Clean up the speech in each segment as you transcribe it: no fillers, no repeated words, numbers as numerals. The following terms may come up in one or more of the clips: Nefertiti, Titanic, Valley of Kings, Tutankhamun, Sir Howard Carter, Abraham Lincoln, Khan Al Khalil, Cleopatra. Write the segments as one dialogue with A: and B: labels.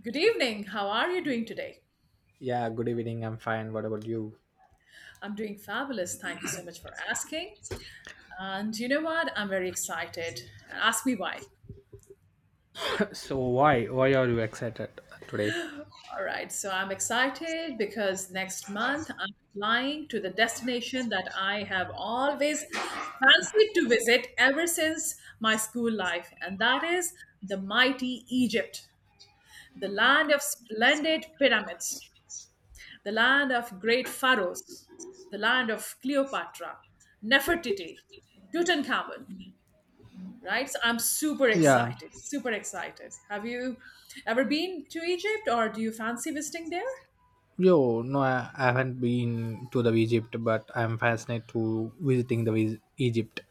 A: Good evening. How are you doing today?
B: Yeah, good evening. I'm fine. What about you?
A: I'm doing fabulous. Thank you so much for asking. And you know what? I'm very excited. Ask me why.
B: So why are you excited today?
A: All right. So I'm excited because next month I'm flying to the destination that I have always fancied to visit ever since my school life, and that is the mighty Egypt, the land of splendid pyramids, the land of great pharaohs, the land of Cleopatra, Nefertiti, Tutankhamun, right? So I'm super
B: Yeah.
A: excited, super excited. Have you ever been to Egypt or do you fancy visiting there?
B: Yo, no, I haven't been to the Egypt, but I'm fascinated to visiting the Egypt.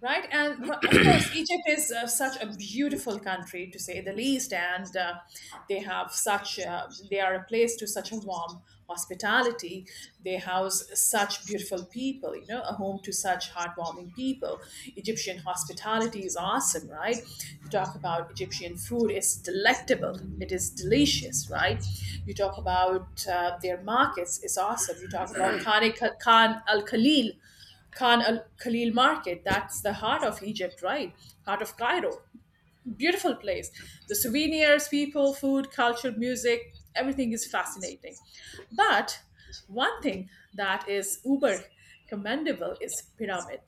A: Right? And but of course, Egypt is such a beautiful country to say the least, and they have such they are a place to such a warm hospitality. They house such beautiful people, a home to such heartwarming people. Egyptian hospitality is awesome, right? You talk about Egyptian food; it's delectable, it is delicious, right? You talk about their markets; it's awesome. You talk about Khan Al Khalil Khan Al Khalil Market, that's the heart of Egypt, right? Heart of Cairo. Beautiful place. The souvenirs, people, food, culture, music, everything is fascinating. But one thing that is uber commendable is pyramid.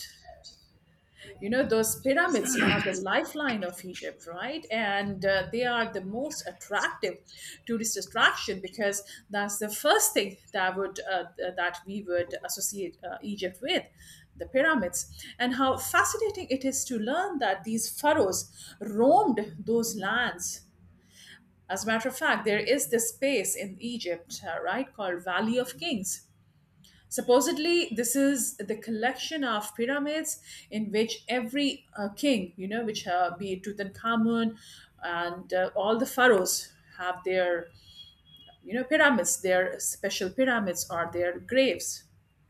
A: Those pyramids are the lifeline of Egypt, right? And they are the most attractive tourist attraction because that's the first thing that we would associate Egypt with, the pyramids. And how fascinating it is to learn that these pharaohs roamed those lands. As a matter of fact, there is this space in Egypt, right, called Valley of Kings. Supposedly, this is the collection of pyramids in which every king, which be it Tutankhamun, and all the pharaohs have their pyramids, their special pyramids or their graves,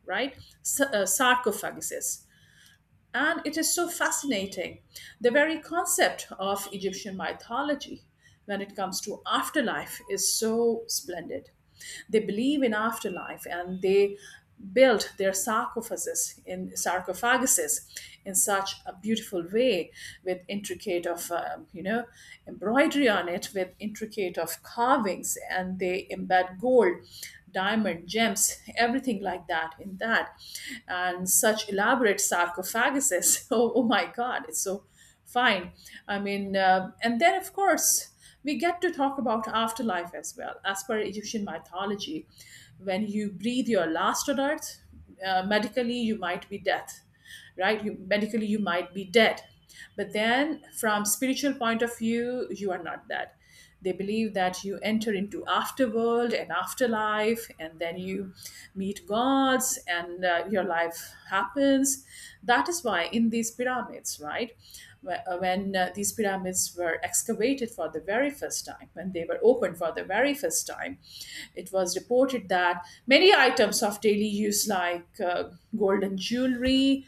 A: right? Sarcophaguses. And it is so fascinating. The very concept of Egyptian mythology when it comes to afterlife is so splendid. They believe in afterlife, and they built their sarcophaguses in such a beautiful way, with intricate of embroidery on it, with intricate of carvings, and they embed gold, diamond, gems, everything like that in that, and such elaborate sarcophaguses. Oh my god, it's so fine. I mean, and then of course we get to talk about afterlife as well, as per Egyptian mythology. When you breathe your last on earth, medically you might be death, right? You medically, you might be dead. But then from spiritual point of view, you are not dead. They believe that you enter into afterworld and afterlife, and then you meet gods, and your life happens. That is why in these pyramids, right, when these pyramids were excavated for the very first time, when they were opened for the very first time, it was reported that many items of daily use, like golden jewelry,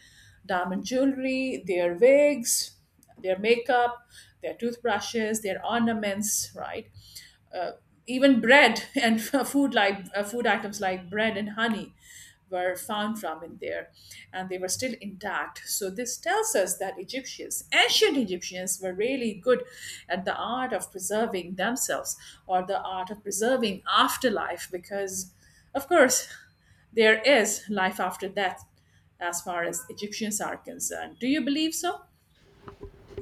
A: diamond jewelry, their wigs, their makeup, their toothbrushes, their ornaments, right? Even bread and food items like bread and honey were found from in there, and they were still intact. So this tells us that egyptians ancient egyptians were really good at the art of preserving themselves, or the art of preserving afterlife, because of course there is life after death, as far as Egyptians are concerned. Do you believe so?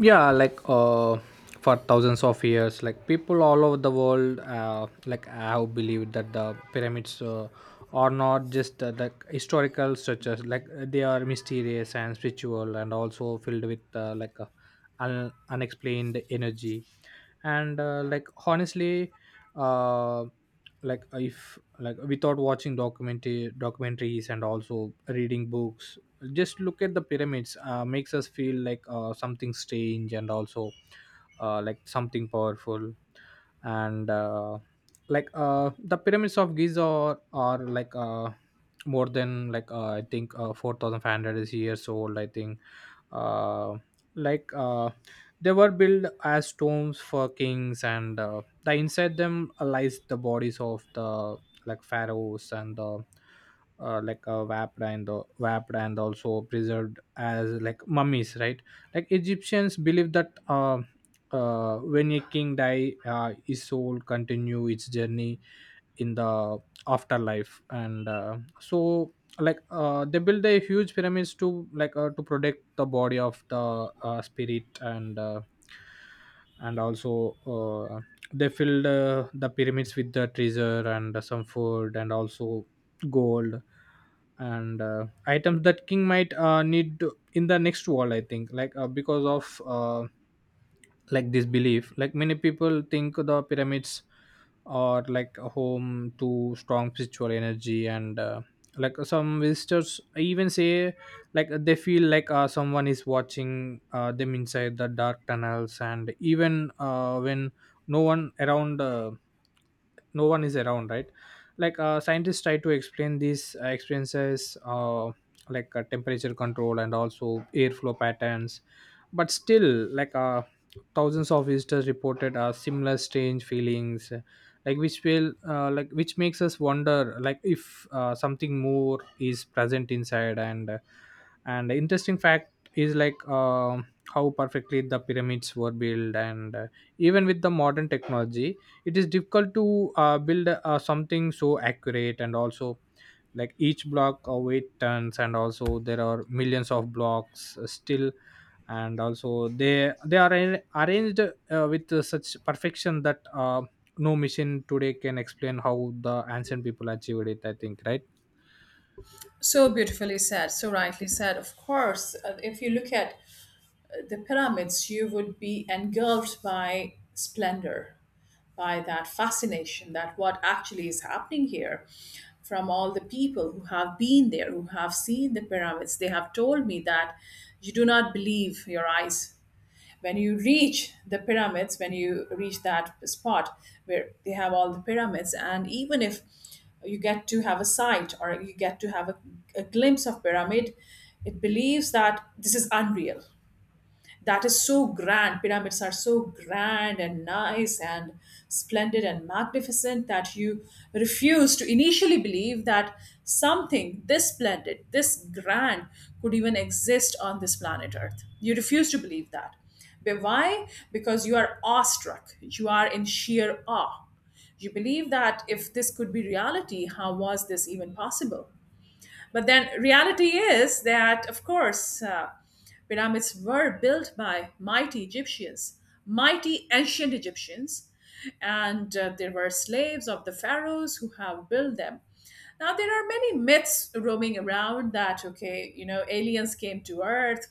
B: Yeah, like for thousands of years, like people all over the world, like have believed that the pyramids are not just the historical structures, like they are mysterious and spiritual and also filled with like unexplained energy. And like, honestly, uh like, if, like, without watching documentary documentaries and also reading books, just look at the pyramids makes us feel like something strange and also like something powerful. And like the pyramids of Giza are like more than like I think 4,500 is years old, I think. uh, like they were built as tombs for kings, and the inside them lies the bodies of the like pharaohs and the like wrapped and also preserved as like mummies, right? Like, Egyptians believe that when a king die, his soul continue its journey in the afterlife. And so, like they build a huge pyramids to like to protect the body of the spirit. And also they filled the pyramids with the treasure and some food and also gold, and items that king might need in the next world, I think. Like, because of like this belief, like many people think the pyramids are like a home to strong spiritual energy. And like, some visitors even say like they feel like someone is watching them inside the dark tunnels, and even when no one around uh, no one is around, right? Like scientists try to explain these experiences, like temperature control and also airflow patterns, but still like thousands of visitors reported similar strange feelings, like which will like which makes us wonder like if something more is present inside. And the interesting fact is, like, how perfectly the pyramids were built, and even with the modern technology it is difficult to build something so accurate. And also, like each block weight tons, and also there are millions of blocks still. And also they are arranged with such perfection that no machine today can explain how the ancient people achieved it, I think, right?
A: So beautifully said, so rightly said. Of course, if you look at the pyramids, you would be engulfed by splendor, by that fascination that what actually is happening here. From all the people who have been there, who have seen the pyramids, they have told me that you do not believe your eyes. When you reach the pyramids, when you reach that spot where they have all the pyramids, and even if you get to have a sight, or you get to have a glimpse of pyramid, it believes that this is unreal, that is so grand. Pyramids are so grand and nice and splendid and magnificent that you refuse to initially believe that something this splendid, this grand, could even exist on this planet Earth. You refuse to believe that. But why? Because you are awestruck, you are in sheer awe. You believe that if this could be reality, how was this even possible? But then reality is that, of course, pyramids were built by mighty Egyptians, mighty ancient Egyptians, and there were slaves of the pharaohs who have built them. Now, there are many myths roaming around that, okay, aliens came to Earth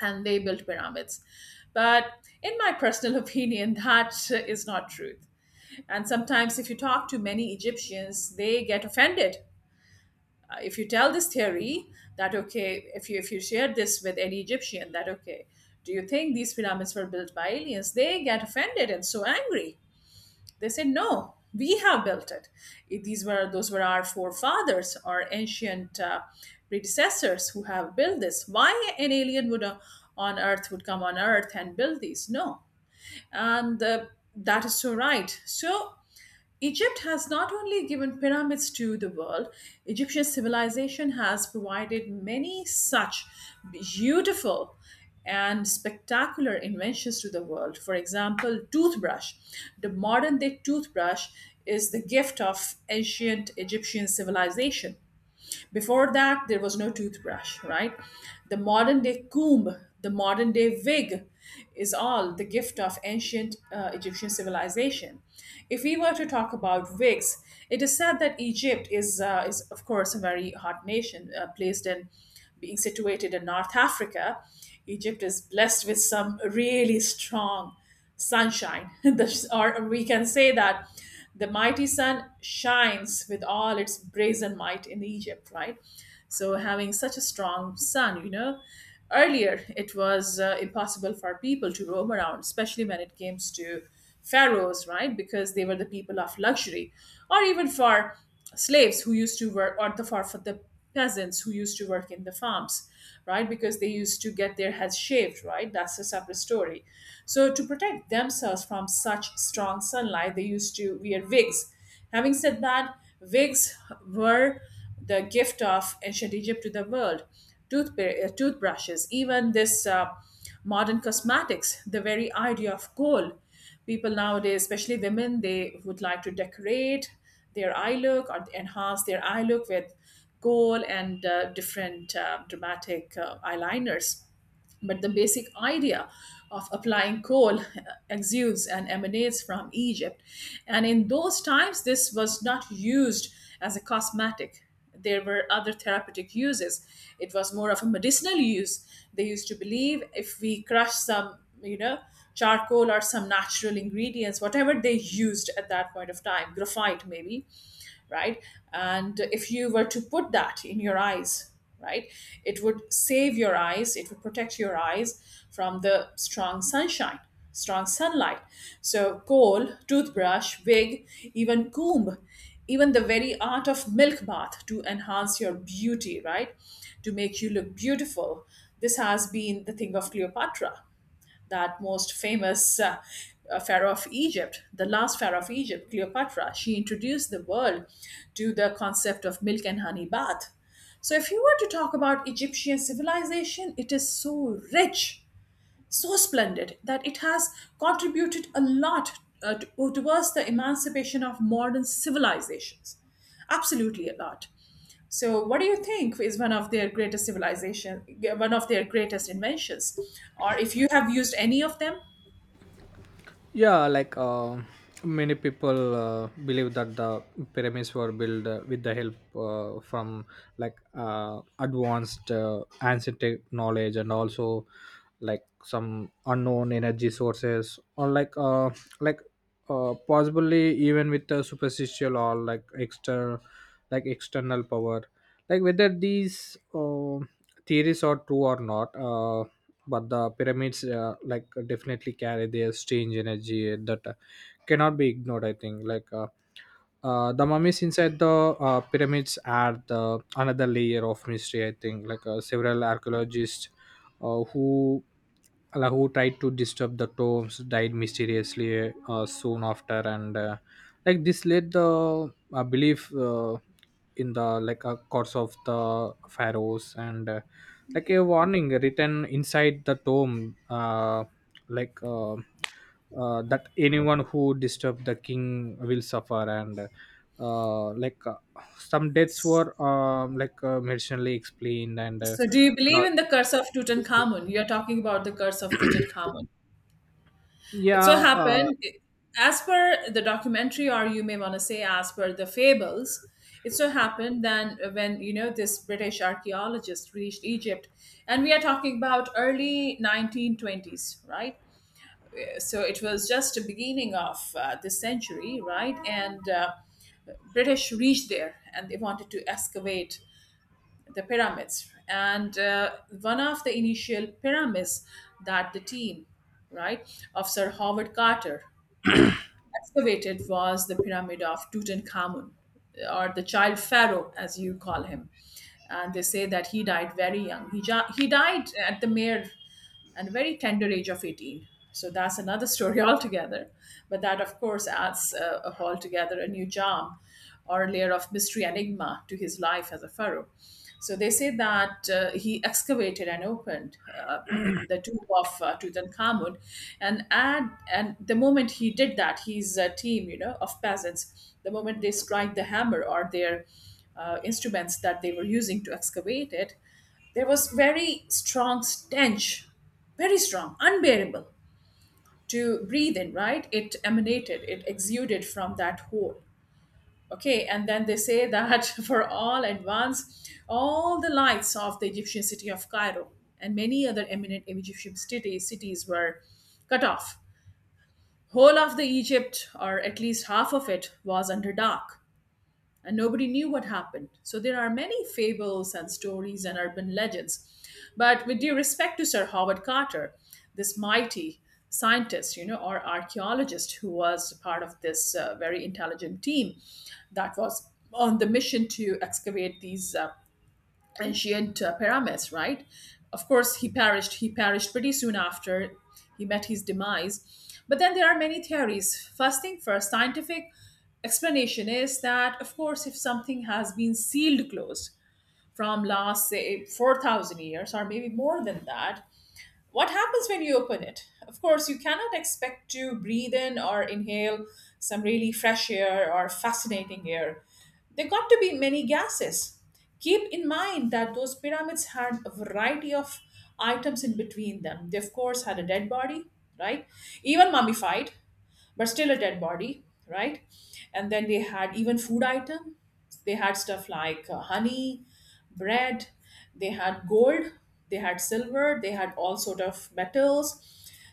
A: and they built pyramids. But in my personal opinion, that is not truth. And sometimes, if you talk to many Egyptians, they get offended if you tell this theory, that okay, if you share this with any Egyptian, that okay, do you think these pyramids were built by aliens? They get offended and so angry. They say no, we have built it. If these were those were our forefathers, our ancient predecessors who have built this. Why an alien would on earth would come on earth and build these? No. And that is so right. So Egypt has not only given pyramids to the world, Egyptian civilization has provided many such beautiful and spectacular inventions to the world. For example, toothbrush. The modern day toothbrush is the gift of ancient Egyptian civilization. Before that, there was no toothbrush, right? The modern day comb, the modern day wig is all the gift of ancient Egyptian civilization. If we were to talk about wigs, it is said that Egypt is of course a very hot nation, placed in being situated in North Africa. Egypt is blessed with some really strong sunshine. Or we can say that the mighty sun shines with all its brazen might in Egypt, right? So, having such a strong sun, you know, earlier it was impossible for people to roam around, especially when it came to pharaohs, right? Because they were the people of luxury, or even for slaves who used to work, or for the peasants who used to work in the farms, right? Because they used to get their heads shaved, right? That's a separate story. So to protect themselves from such strong sunlight, they used to wear wigs. Having said that, wigs were the gift of ancient Egypt to the world. Toothbrushes, even this modern cosmetics, the very idea of gold. People nowadays, especially women, they would like to decorate their eye look or enhance their eye look with gold, and different dramatic eyeliners. But the basic idea of applying coal exudes and emanates from Egypt. And in those times, this was not used as a cosmetic. There were other therapeutic uses. It was more of a medicinal use. They used to believe if we crush some, you know, charcoal or some natural ingredients, whatever they used at that point of time, graphite maybe, right? And if you were to put that in your eyes, right, it would save your eyes, it would protect your eyes from the strong sunshine, strong sunlight. So, coal, toothbrush, wig, even comb, even the very art of milk bath to enhance your beauty, right? To make you look beautiful. This has been the thing of Cleopatra, that most famous pharaoh of Egypt, the last pharaoh of Egypt. Cleopatra, she introduced the world to the concept of milk and honey bath. So, if you were to talk about Egyptian civilization, it is so rich, so splendid, that it has contributed a lot towards the emancipation of modern civilizations. Absolutely a lot. So, what do you think is one of their greatest civilization, one of their greatest inventions, or if you have used any of them?
B: Yeah, like many people believe that the pyramids were built with the help from like advanced ancient knowledge, and also like some unknown energy sources, or like possibly even with the superficial or like external power. Like, whether these theories are true or not, but the pyramids like definitely carry their strange energy that cannot be ignored, I think. Like the mummies inside the pyramids add the another layer of mystery, I think. Like several archaeologists uh, who who tried to disturb the tombs died mysteriously soon after. And like, this led the belief in the like courts of the pharaohs, and like a warning written inside the tomb, like uh, that anyone who disturbed the king will suffer. And like some deaths were like medicinally explained, and uh,
A: So, do you
B: and
A: believe
B: all.
A: in the curse of Tutankhamun? You are talking about the curse of Tutankhamun.
B: Yeah.
A: It so
B: uh,
A: happened, as per the documentary, or you may want to say, as per the fables, it so happened then when this British archaeologist reached Egypt, and we are talking about early 1920s, right? So it was just the beginning of this century, right? And British reached there, and they wanted to excavate the pyramids. And one of the initial pyramids that the team, right, of Sir Howard Carter excavated was the pyramid of Tutankhamun, or the child pharaoh, as you call him. And they say that he died very young. He died at the mere and very tender age of 18. So that's another story altogether. But that, of course, adds a whole together a new charm, or a layer of mystery enigma, to his life as a pharaoh. So they say that he excavated and opened the tomb of Tutankhamun, and at and the moment he did that, his team, of peasants, the moment they strike the hammer or their instruments that they were using to excavate it, there was very strong stench, very strong, unbearable to breathe in. Right, it emanated, it exuded from that hole. Okay, and then they say that for all advance, all the lights of the Egyptian city of Cairo and many other eminent Egyptian cities, were cut off. Whole of the Egypt, or at least half of it, was under dark and nobody knew what happened. So there are many fables and stories and urban legends. But with due respect to Sir Howard Carter, this mighty scientist, or archaeologist who was part of this very intelligent team that was on the mission to excavate these. And she and Pyramus, right? Of course, he perished. He perished pretty soon after he met his demise. But then there are many theories. First thing first, scientific explanation is that, of course, if something has been sealed closed from last, say, 4,000 years or maybe more than that, what happens when you open it? Of course, you cannot expect to breathe in or inhale some really fresh air or fascinating air. There got to be many gases. Keep in mind that those pyramids had a variety of items in between them. They, of course, had a dead body, right? Even mummified but still a dead body, right? And then they had even food item. They had stuff like honey, bread. They had gold. They had silver. They had all sort of metals.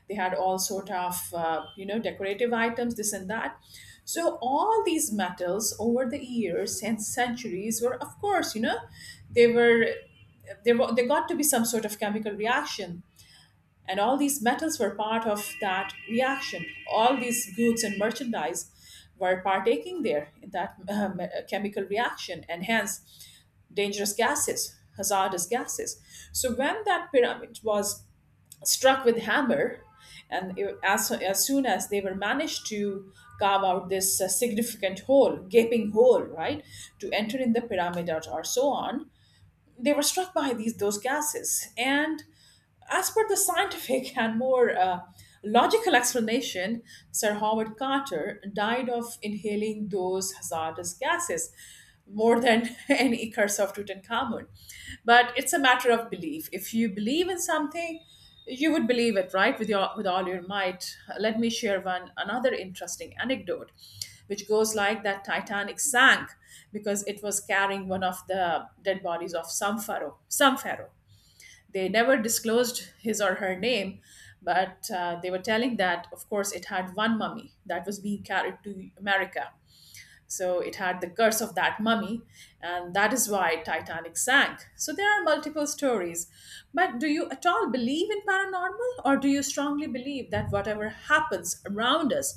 A: They had all sort of decorative items, this and that. So all these metals over the years and centuries were, of course, they were they were they got to be some sort of chemical reaction and all these metals were part of that reaction. All these goods and merchandise were partaking there in that chemical reaction and hence dangerous gases, hazardous gases. So when that pyramid was struck with hammer, and as soon as they were managed to carve out this significant hole, gaping hole, right, to enter in the pyramid or so on, they were struck by these those gases and as per the scientific and more logical explanation, Sir Howard Carter died of inhaling those hazardous gases more than any curse of Tutankhamun. But it's a matter of belief. If you believe in something, you would believe it, right, with your with all your might. Let me share one another interesting anecdote, which goes like that Titanic sank because it was carrying one of the dead bodies of some pharaoh. Some pharaoh. They never disclosed his or her name, but they were telling that, of course, it had one mummy that was being carried to America. So it had the curse of that mummy, and that is why Titanic sank. So there are multiple stories. But do you at all believe in paranormal, or do you strongly believe that whatever happens around us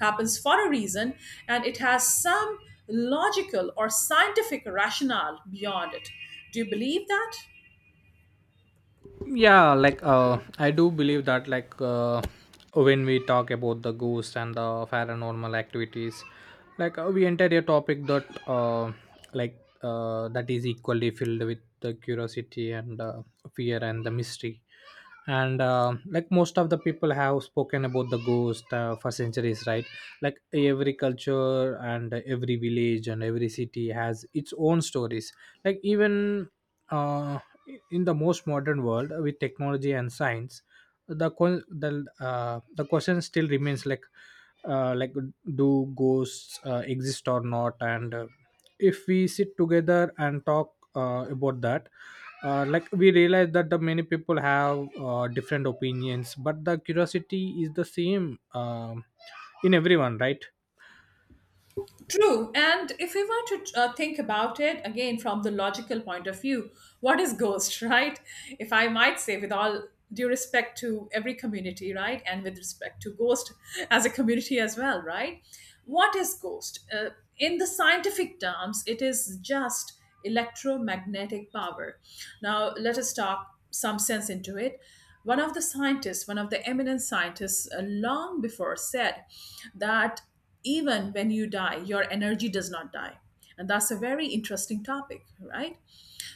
A: happens for a reason and it has some logical or scientific rationale beyond it? Do you believe that?
B: yeah, like I do believe that, like when we talk about the ghost and the paranormal activities, like we enter a topic that like that is equally filled with the curiosity and fear and the mystery. And like, most of the people have spoken about the ghost for centuries, right? Like, every culture and every village and every city has its own stories. Like, even uh, in the most modern world with technology and science, the que- the the question still remains, like like, do ghosts exist or not? And if we sit together and talk about that, like we realize that the many people have different opinions, but the curiosity is the same, um in everyone, right?
A: True. And if we want to think about it again from the logical point of view, what is ghost, right? If I might say, with all due respect to every community, right? And with respect to ghost as a community as well, right? What is ghost? In the scientific terms, it is just electromagnetic power. Now, let us talk some sense into it. One of the scientists, one of the eminent scientists, long before said that even when you die, your energy does not die. And that's a very interesting topic, right?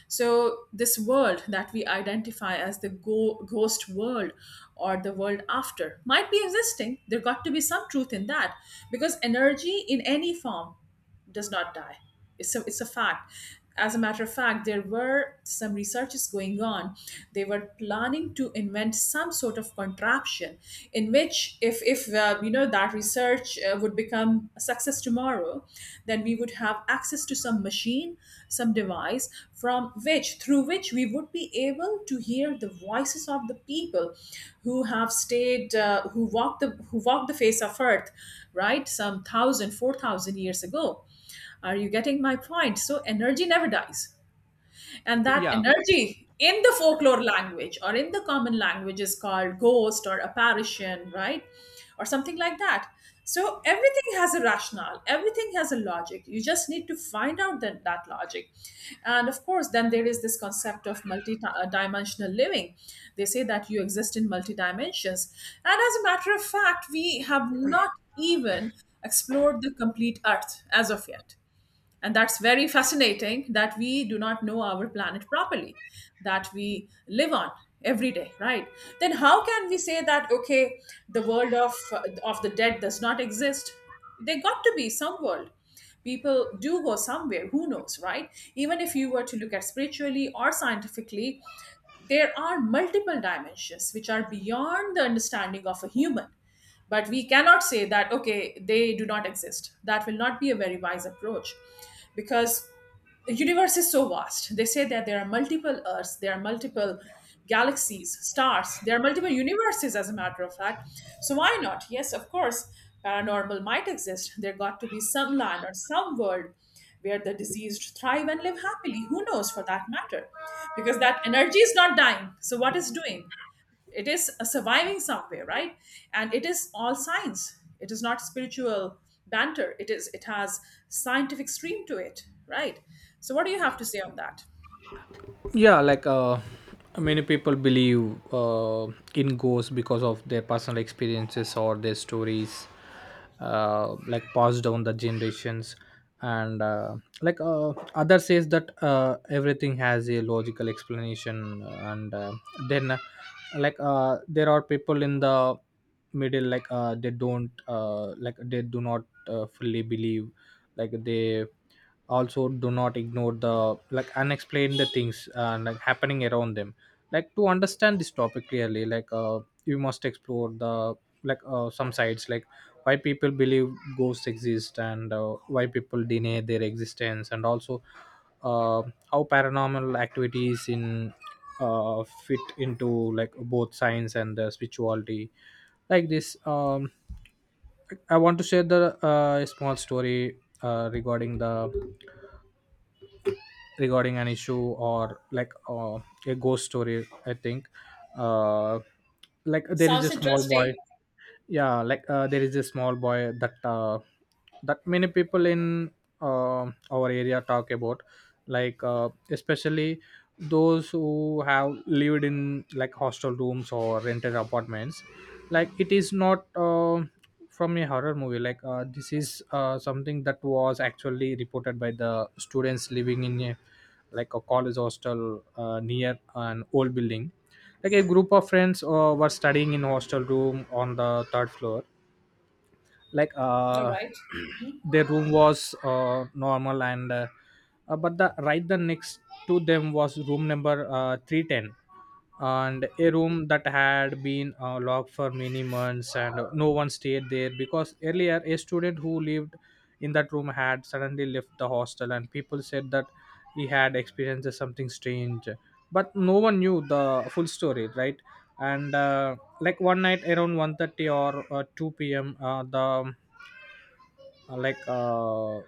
A: So, this world that we identify as the ghost world or the world after might be existing. There got to be some truth in that because energy in any form does not die. It's a fact. As a matter of fact, there were some researches going on. They were planning to invent some sort of contraption in which, if you know that research would become a success tomorrow, then we would have access to some machine, some device from which, through which we would be able to hear the voices of the people who have stayed, who walked who walked the face of earth, right? Some thousand, 4,000 years ago. Are you getting my point? So energy never dies. And that
B: Yeah.
A: energy in the folklore language or in the common language is called ghost or apparition, right? Or something like that. So everything has a rationale, everything has a logic. You just need to find out that logic. And of course, then there is this concept of multi dimensional living. They say that you exist in multi dimensions. And as a matter of fact, we have not even explored the complete earth as of yet, and that's very fascinating that we do not know our planet properly that we live on every day, right? Then how can we say that, okay, the world of the dead does not exist? There got to be some world. People do go somewhere, who knows, right? Even if you were to look at spiritually or scientifically, there are multiple dimensions which are beyond the understanding of a human, but we cannot say that, okay, they do not exist. That will not be a very wise approach because the universe is so vast. They say that there are multiple Earths, there are multiple galaxies, stars, there are multiple universes, as a matter of fact. So why not? Yes, of course, paranormal might exist. There got to be some land or some world where the diseased thrive and live happily. Who knows for that matter? Because that energy is not dying. So what is doing? It is a surviving somewhere, right? And it is all science, it is not spiritual banter. It has scientific stream to it, right? So what do you have to say on that?
B: Yeah, like many people believe in ghosts because of their personal experiences or their stories, like passed down the generations. And like other says that everything has a logical explanation. And then like there are people in the middle, like they don't, like they do not fully believe, like they also do not ignore the like unexplained the things like happening around them. Like, to understand this topic clearly, like you must explore the like some sides, like why people believe ghosts exist, and why people deny their existence, and also uh, how paranormal activities in fit into like both science and spirituality. Like, this, I want to share the small story regarding an issue, or like a ghost story, I think. uh, like, there is
A: Sounds
B: a small boy.
A: interesting.
B: Yeah, like there is a small boy that many people in uh, our area talk about, like especially those who have lived in like hostel rooms or rented apartments. Like, it is not from a horror movie. Like this is something that was actually reported by the students living in a like a college hostel near an old building. Like, a group of friends were studying in hostel room on the third floor. Like
A: All right. Mhm.
B: their room was normal. And uh, uh, but the right the next to them was room number 310, and a room that had been locked for many months and no one stayed there, because earlier a student who lived in that room had suddenly left the hostel, and people said that he had experienced something strange, but no one knew the full story, right? And like, one night around 1:30 or 2 p.m, uh, like uh,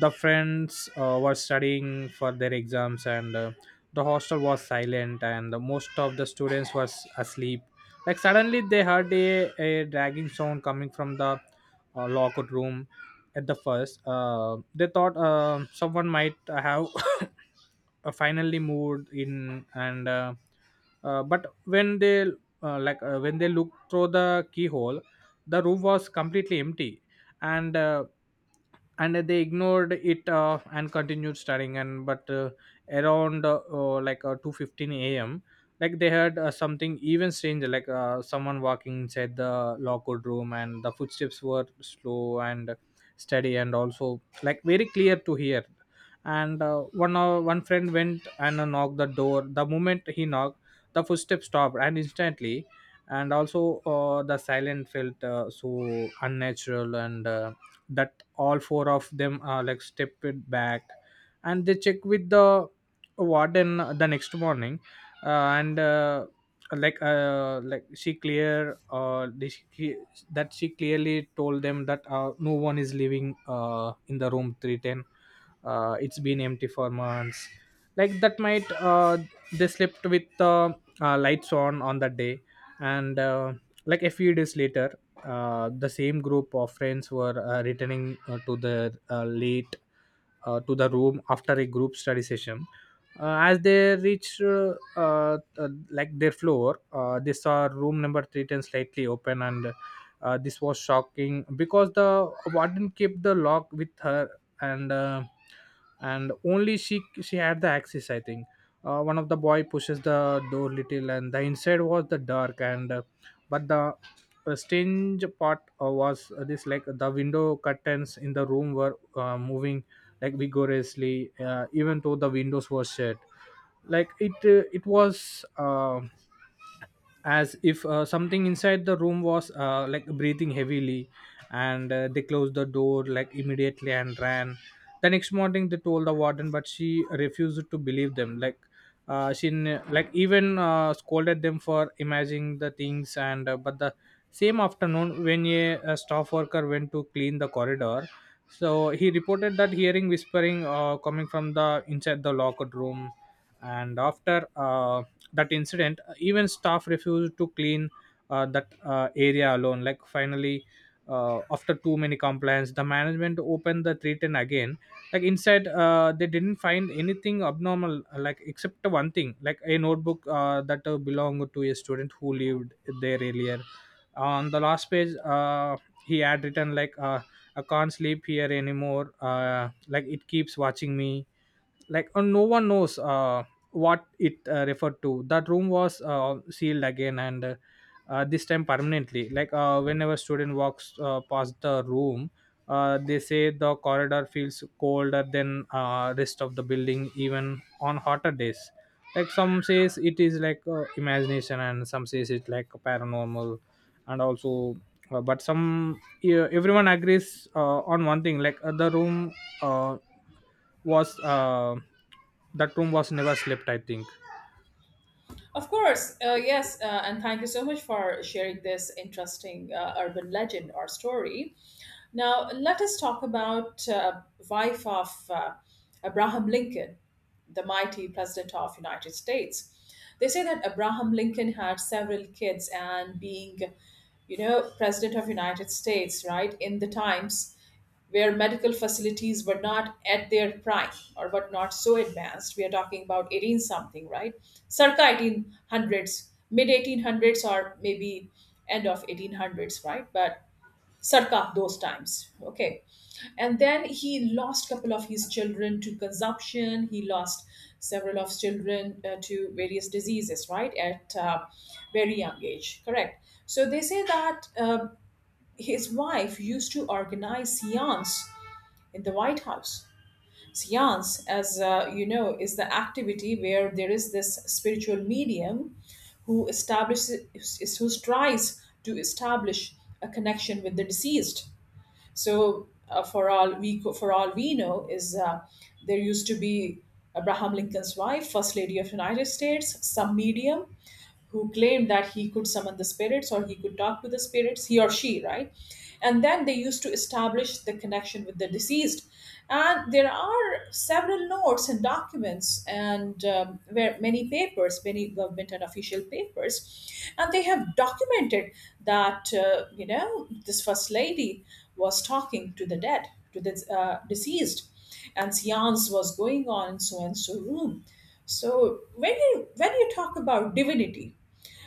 B: the friends were studying for their exams, and the hostel was silent, and most of the students was asleep. Like, suddenly they heard a dragging sound coming from the locker room. At the first, they thought someone might have finally moved in. And but when they, when they looked through the keyhole, the room was completely empty. And uh, and they ignored it, and continued studying. And but around like 2:15 a.m., like they heard something even stranger, like someone walking inside the locker room, and the footsteps were slow and steady, and also like very clear to hear. And one friend went and knocked the door. The moment he knocked, the footsteps stopped and instantly. And also the silence felt so unnatural, and that all four of them like stepped it back. And they checked with the warden the next morning. Uh, and like she clear this- she, That she clearly told them that no one is living in the room 310. It's been empty for months. Like, that might, they slept with the lights on that day. And like, a few days later, the same group of friends were returning to the room after a group study session. As they reached like their floor, they saw room number 310 slightly open, and this was shocking because the warden kept the lock with her, and uh, and only she had the access. I think one of the boy pushes the door little, and the inside was the dark, and but the strange part was this like the window curtains in the room were moving like vigorously, even though the windows were shut like it was as if something inside the room was like breathing heavily and they closed the door like immediately and ran. The next morning they told the warden but she refused to believe them. She like even scolded them for imagining the things, and but the same afternoon when a staff worker went to clean the corridor, so he reported that hearing whispering coming from the inside the locker room. And after that incident even staff refused to clean that area alone. Like finally, after too many complaints, the management opened the 310 again. Like inside they didn't find anything abnormal, like except one thing, like a notebook that belonged to a student who lived there earlier. On the last page, he had written like, I can't sleep here anymore, like it keeps watching me. Like no one knows what it referred to. That room was sealed again, and this time permanently. Like whenever student walks past the room, they say the corridor feels colder than rest of the building, even on hotter days. Like some says it is like imagination and some says it like paranormal. And also, but some yeah, everyone agrees on one thing, like the room uh, was uh, that room was never slept, I think.
A: Of course, yes, and thank you so much for sharing this interesting urban legend or story. Now, let us talk about wife of Abraham Lincoln, the mighty president of United States. They say that Abraham Lincoln had several kids and being, you know, president of United States, right, in the times where medical facilities were not at their prime or were not so advanced. We are talking about 18 something, right? Circa 1800s, mid 1800s, or maybe end of 1800s, right? But circa those times, okay. And then he lost couple of his children to consumption. He lost several of his children to various diseases, right? At very young age, correct? So they say that his wife used to organize seance in the White House. Seance, as you know, is the activity where there is this spiritual medium who establishes, who tries to establish a connection with the deceased. So, for all we know, is there used to be Abraham Lincoln's wife, First Lady of the United States, some medium who claimed that he could summon the spirits or he could talk to the spirits, he or she, right? And then they used to establish the connection with the deceased. And there are several notes and documents, and where many papers, many government and official papers, and they have documented that you know, this first lady was talking to the dead, to the deceased, and seance was going on in so and so room. So when you talk about divinity,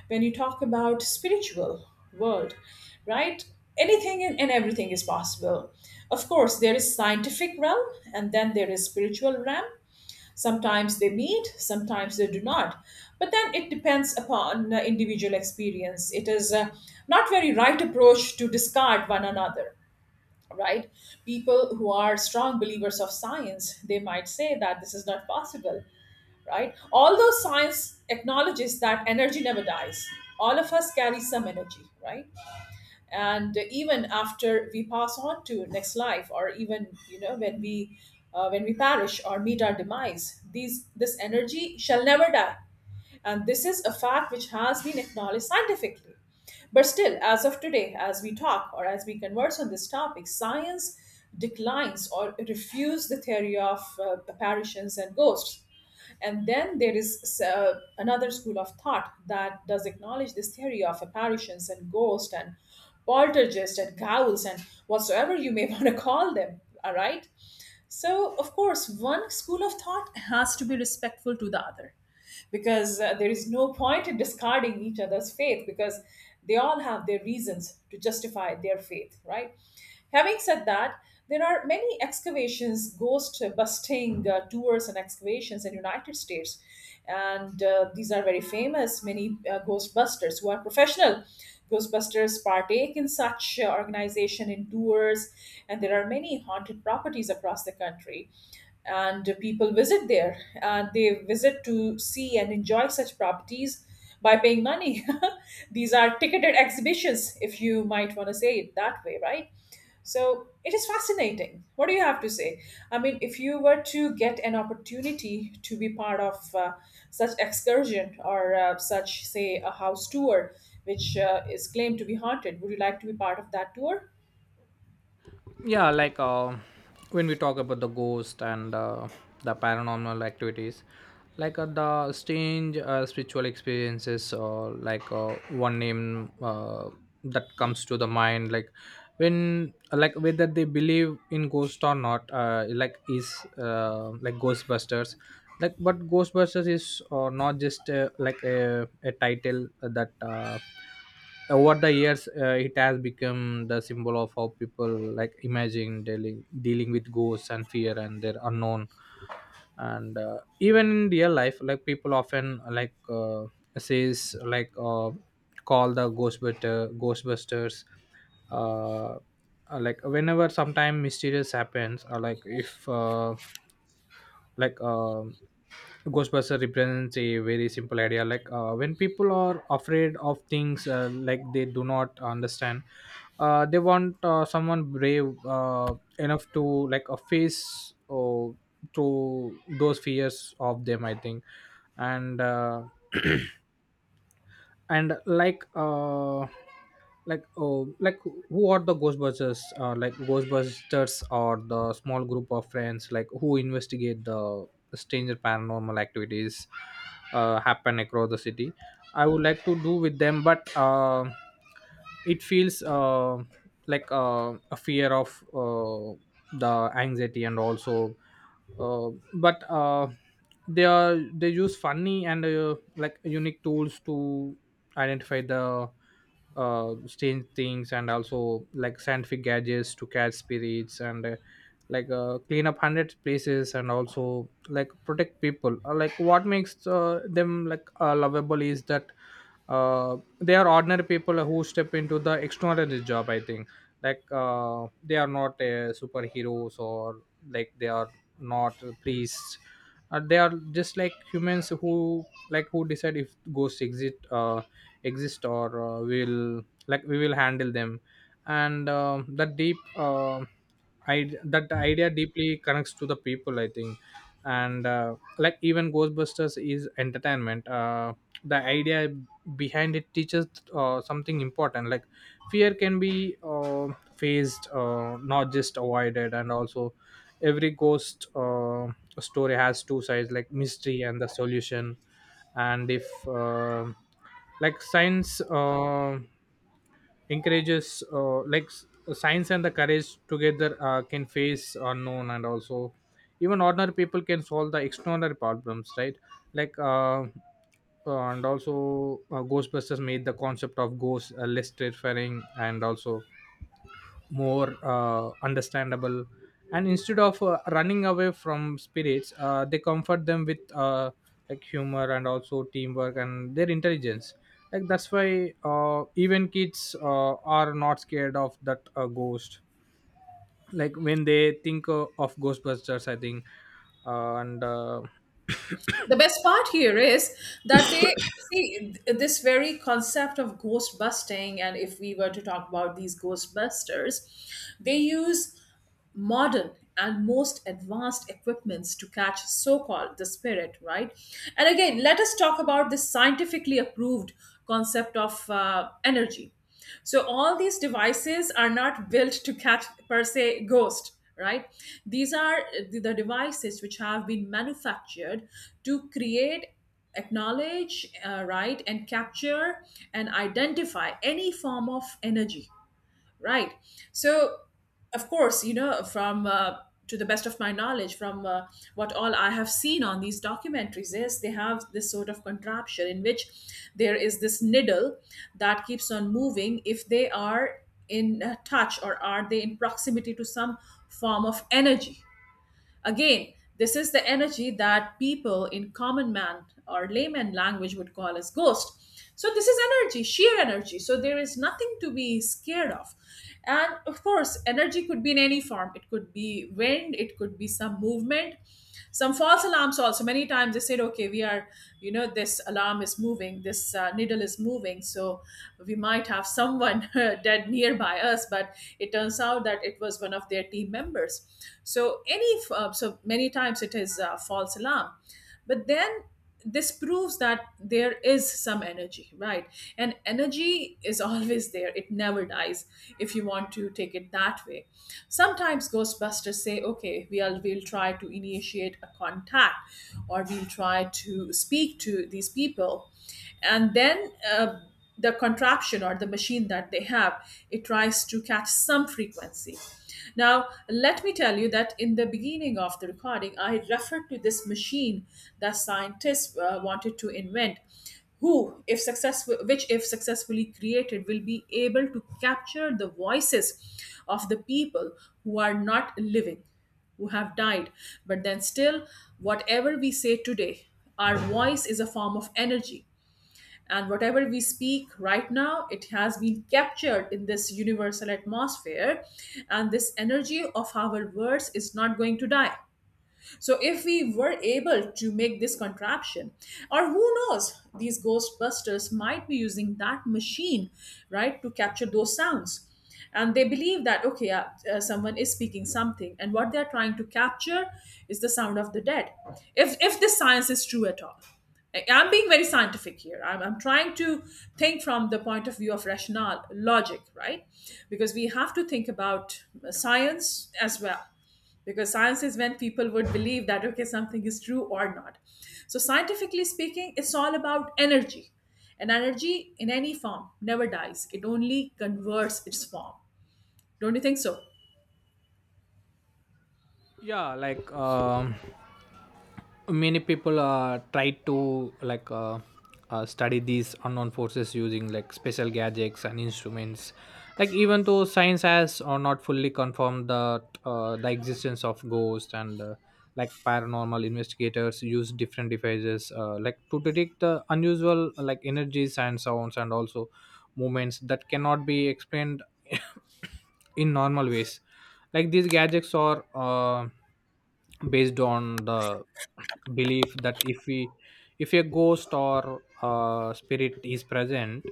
A: when you talk about spiritual world, right? Anything and everything is possible. Of course, there is scientific realm and then there is spiritual realm. Sometimes they meet, sometimes they do not. But then it depends upon individual experience. It is not very right approach to discard one another, right? People who are strong believers of science, they might say that this is not possible, right? Although science acknowledges that energy never dies, all of us carry some energy, right? And even after we pass on to next life, or even you know when we perish or meet our demise, these this energy shall never die, and this is a fact which has been acknowledged scientifically. But still, as of today, as we talk or as we converse on this topic, science declines or refutes the theory of apparitions and ghosts. And then there is another school of thought that does acknowledge this theory of apparitions and ghosts and poltergeist and ghouls and whatsoever you may want to call them. All right. So, of course, one school of thought has to be respectful to the other because there is no point in discarding each other's faith because they all have their reasons to justify their faith, right? Having said that, there are many excavations, ghost busting tours and excavations in United States, and these are very famous. Many ghostbusters who are professional ghostbusters partake in such organization in tours, and there are many haunted properties across the country and people visit there. They visit to see and enjoy such properties by paying money. These are ticketed exhibitions, if you might want to say it that way, right? So it is fascinating. What do you have to say? I mean, if you were to get an opportunity to be part of such excursion or such, say, a house tour, which is claimed to be haunted, would you like to be part of that tour?
B: Yeah, like when we talk about the ghost and the paranormal activities, like the strange spiritual experiences, or like one name that comes to the mind, like when, like whether they believe in ghost or not, like ghostbusters. Like but ghostbusters is not just like a title that over the years it has become the symbol of how people like imagine dealing with ghosts and fear and their unknown. And even in real life, like people often like says like call the ghostbusters uh, like whenever sometime mysterious happens, or like if like ghostbuster represents a very simple idea, like when people are afraid of things like they do not understand, they want someone brave enough to like a face or to those fears of them, I think. And and like oh like who are the ghostbusters? Like ghostbusters are the small group of friends like who investigate the stranger paranormal activities happen across the city. I would like to do with them, but it feels a fear of the anxiety and also. But They are, they use funny and like unique tools to identify the strange things, and also like scientific gadgets to catch spirits, and clean up hundred places and also like protect people. Like what makes them like lovable is that they are ordinary people who step into the extraordinary job, I think. Like they are not superheroes or, like, they are not priests. They are just like humans who like who decide if ghosts exist or will, like, we will handle them. And that idea deeply connects to the people, I think. And like even Ghostbusters is entertainment. The idea behind it teaches something important, like fear can be faced, not just avoided, and also every ghost story has two sides, like mystery and the solution. And if like science, encourages uh, like s- science and the courage together can face unknown, and also even ordinary people can solve the extraordinary problems, right? Like and also ghostbusters made the concept of ghosts less terrifying and also more understandable. And instead of running away from spirits, they comfort them with like humor and also teamwork and their intelligence. Like that's why even kids are not scared of that ghost, like when they think of ghostbusters, I think. And
A: The best part here is that they see this very concept of ghost busting, and if we were to talk about these ghostbusters, they use modern and most advanced equipments to catch so-called the spirit, right? And again, let us talk about this scientifically approved concept of energy. So all these devices are not built to catch per se ghost, right? These are the devices which have been manufactured to create, acknowledge right, and capture and identify any form of energy, right? So, of course, you know, from to the best of my knowledge, from what all I have seen on these documentaries, is they have this sort of contraption in which there is this needle that keeps on moving if they are in touch or are they in proximity to some form of energy. Again, this is the energy that people in common man or layman language would call as ghost. So this is energy, sheer energy. So there is nothing to be scared of. And of course, energy could be in any form. It could be wind, it could be some movement, some false alarms also. Many times they said, okay, we are, you know, this alarm is moving, this needle is moving, so we might have someone dead nearby us, but it turns out that it was one of their team members. So any so many times it is a false alarm. But then this proves that there is some energy, right? And energy is always there, it never dies, if you want to take it that way. Sometimes ghostbusters say, okay, we'll try to initiate a contact or we'll try to speak to these people. And then the contraption or the machine that they have, it tries to catch some frequency. Now let me tell you that in the beginning of the recording I referred to this machine that scientists wanted to invent, who if successful, which if successfully created, will be able to capture the voices of the people who are not living, who have died. But then still, whatever we say today, our voice is a form of energy, and whatever we speak right now, it has been captured in this universal atmosphere. And this energy of our words is not going to die. So if we were able to make this contraption, or who knows, these Ghostbusters might be using that machine, right, to capture those sounds. And they believe that, okay, someone is speaking something, and what they're trying to capture is the sound of the dead. If this science is true at all. I'm being very scientific here. I'm trying to think from the point of view of rational logic, right? Because we have to think about science as well, because science is when people would believe that okay something is true or not. So scientifically speaking, it's all about energy, and energy in any form never dies, it only converts its form. Don't you think so?
B: Yeah, like many people try to study these unknown forces using like special gadgets and instruments. Like even though science has or not fully confirmed the existence of ghosts, and like paranormal investigators use different devices like to detect the unusual like energies and sounds and also movements that cannot be explained in normal ways. Like these gadgets are based on the belief that if a ghost or spirit is present,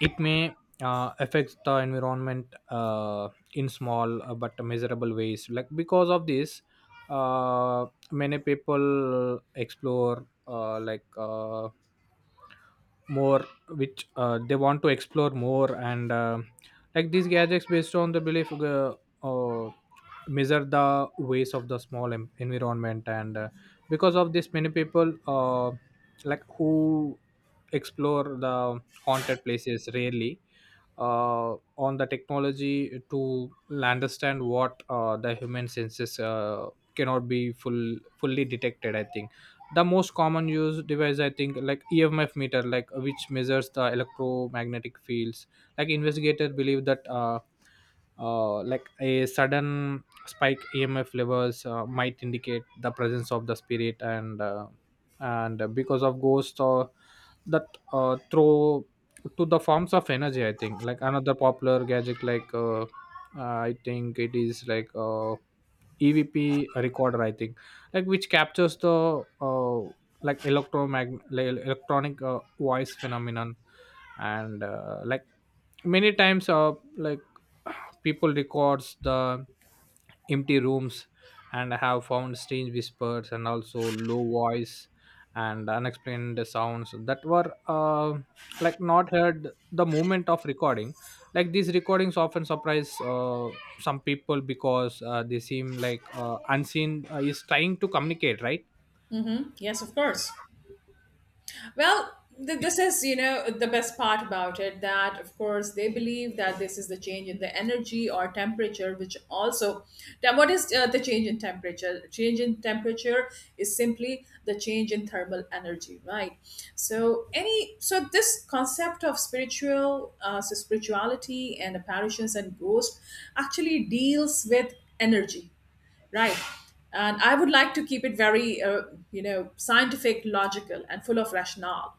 B: it may affect the environment in small but measurable ways. Like because of this, uh, many people explore more, which they want to explore more. And like these gadgets based on the belief, uh, measure the ways of the small environment. And because of this, many people like who explore the haunted places rarely on the technology to understand what the human senses cannot be fully detected, I think. The most common used device, I think, like emf meter, like which measures the electromagnetic fields. Like investigators believe that like a sudden spike emf levels might indicate the presence of the spirit, and because of ghosts or that throw to the forms of energy, I think. Like another popular gadget, like I think it is like, evp recorder, I think, like which captures the like electronic voice phenomenon. And like many times, like people records the empty rooms and have found strange whispers and also low voice and unexplained sounds that were like not heard the moment of recording. Like these recordings often surprise some people, because they seem like unseen is trying to communicate, right?
A: Mm-hmm. Yes, of course. Well, this is, you know, the best part about it, that, of course, they believe that this is the change in the energy or temperature, which also, then what is the change in temperature? Change in temperature is simply the change in thermal energy, right? So, any, so this concept of spiritual, so spirituality and apparitions and ghosts actually deals with energy, right? And I would like to keep it very, you know, scientific, logical, and full of rationale,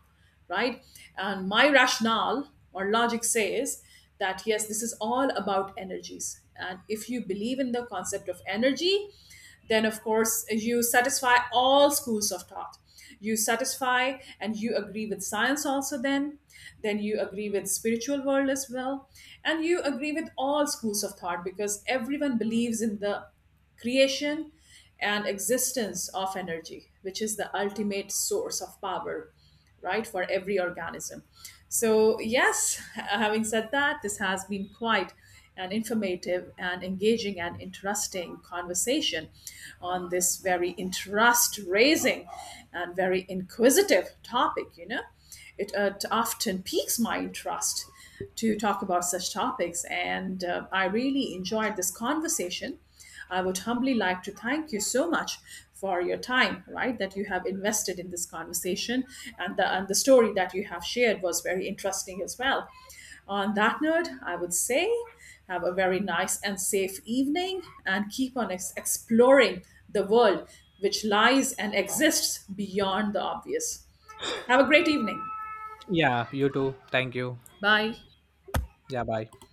A: right? And my rationale or logic says that yes, this is all about energies. And if you believe in the concept of energy, then of course you satisfy all schools of thought. You satisfy and you agree with science also, then you agree with spiritual world as well, and you agree with all schools of thought, because everyone believes in the creation and existence of energy, which is the ultimate source of power, right, for every organism. So yes, having said that, this has been quite an informative and engaging and interesting conversation on this very interest raising and very inquisitive topic, you know. It, often piques my interest to talk about such topics, and I really enjoyed this conversation. I would humbly like to thank you so much for your time, right, that you have invested in this conversation. And the story that you have shared was very interesting as well. On that note, I would say have a very nice and safe evening, and keep on exploring the world which lies and exists beyond the obvious. Have a great evening.
B: Yeah, you too, thank you.
A: Bye.
B: Yeah, bye.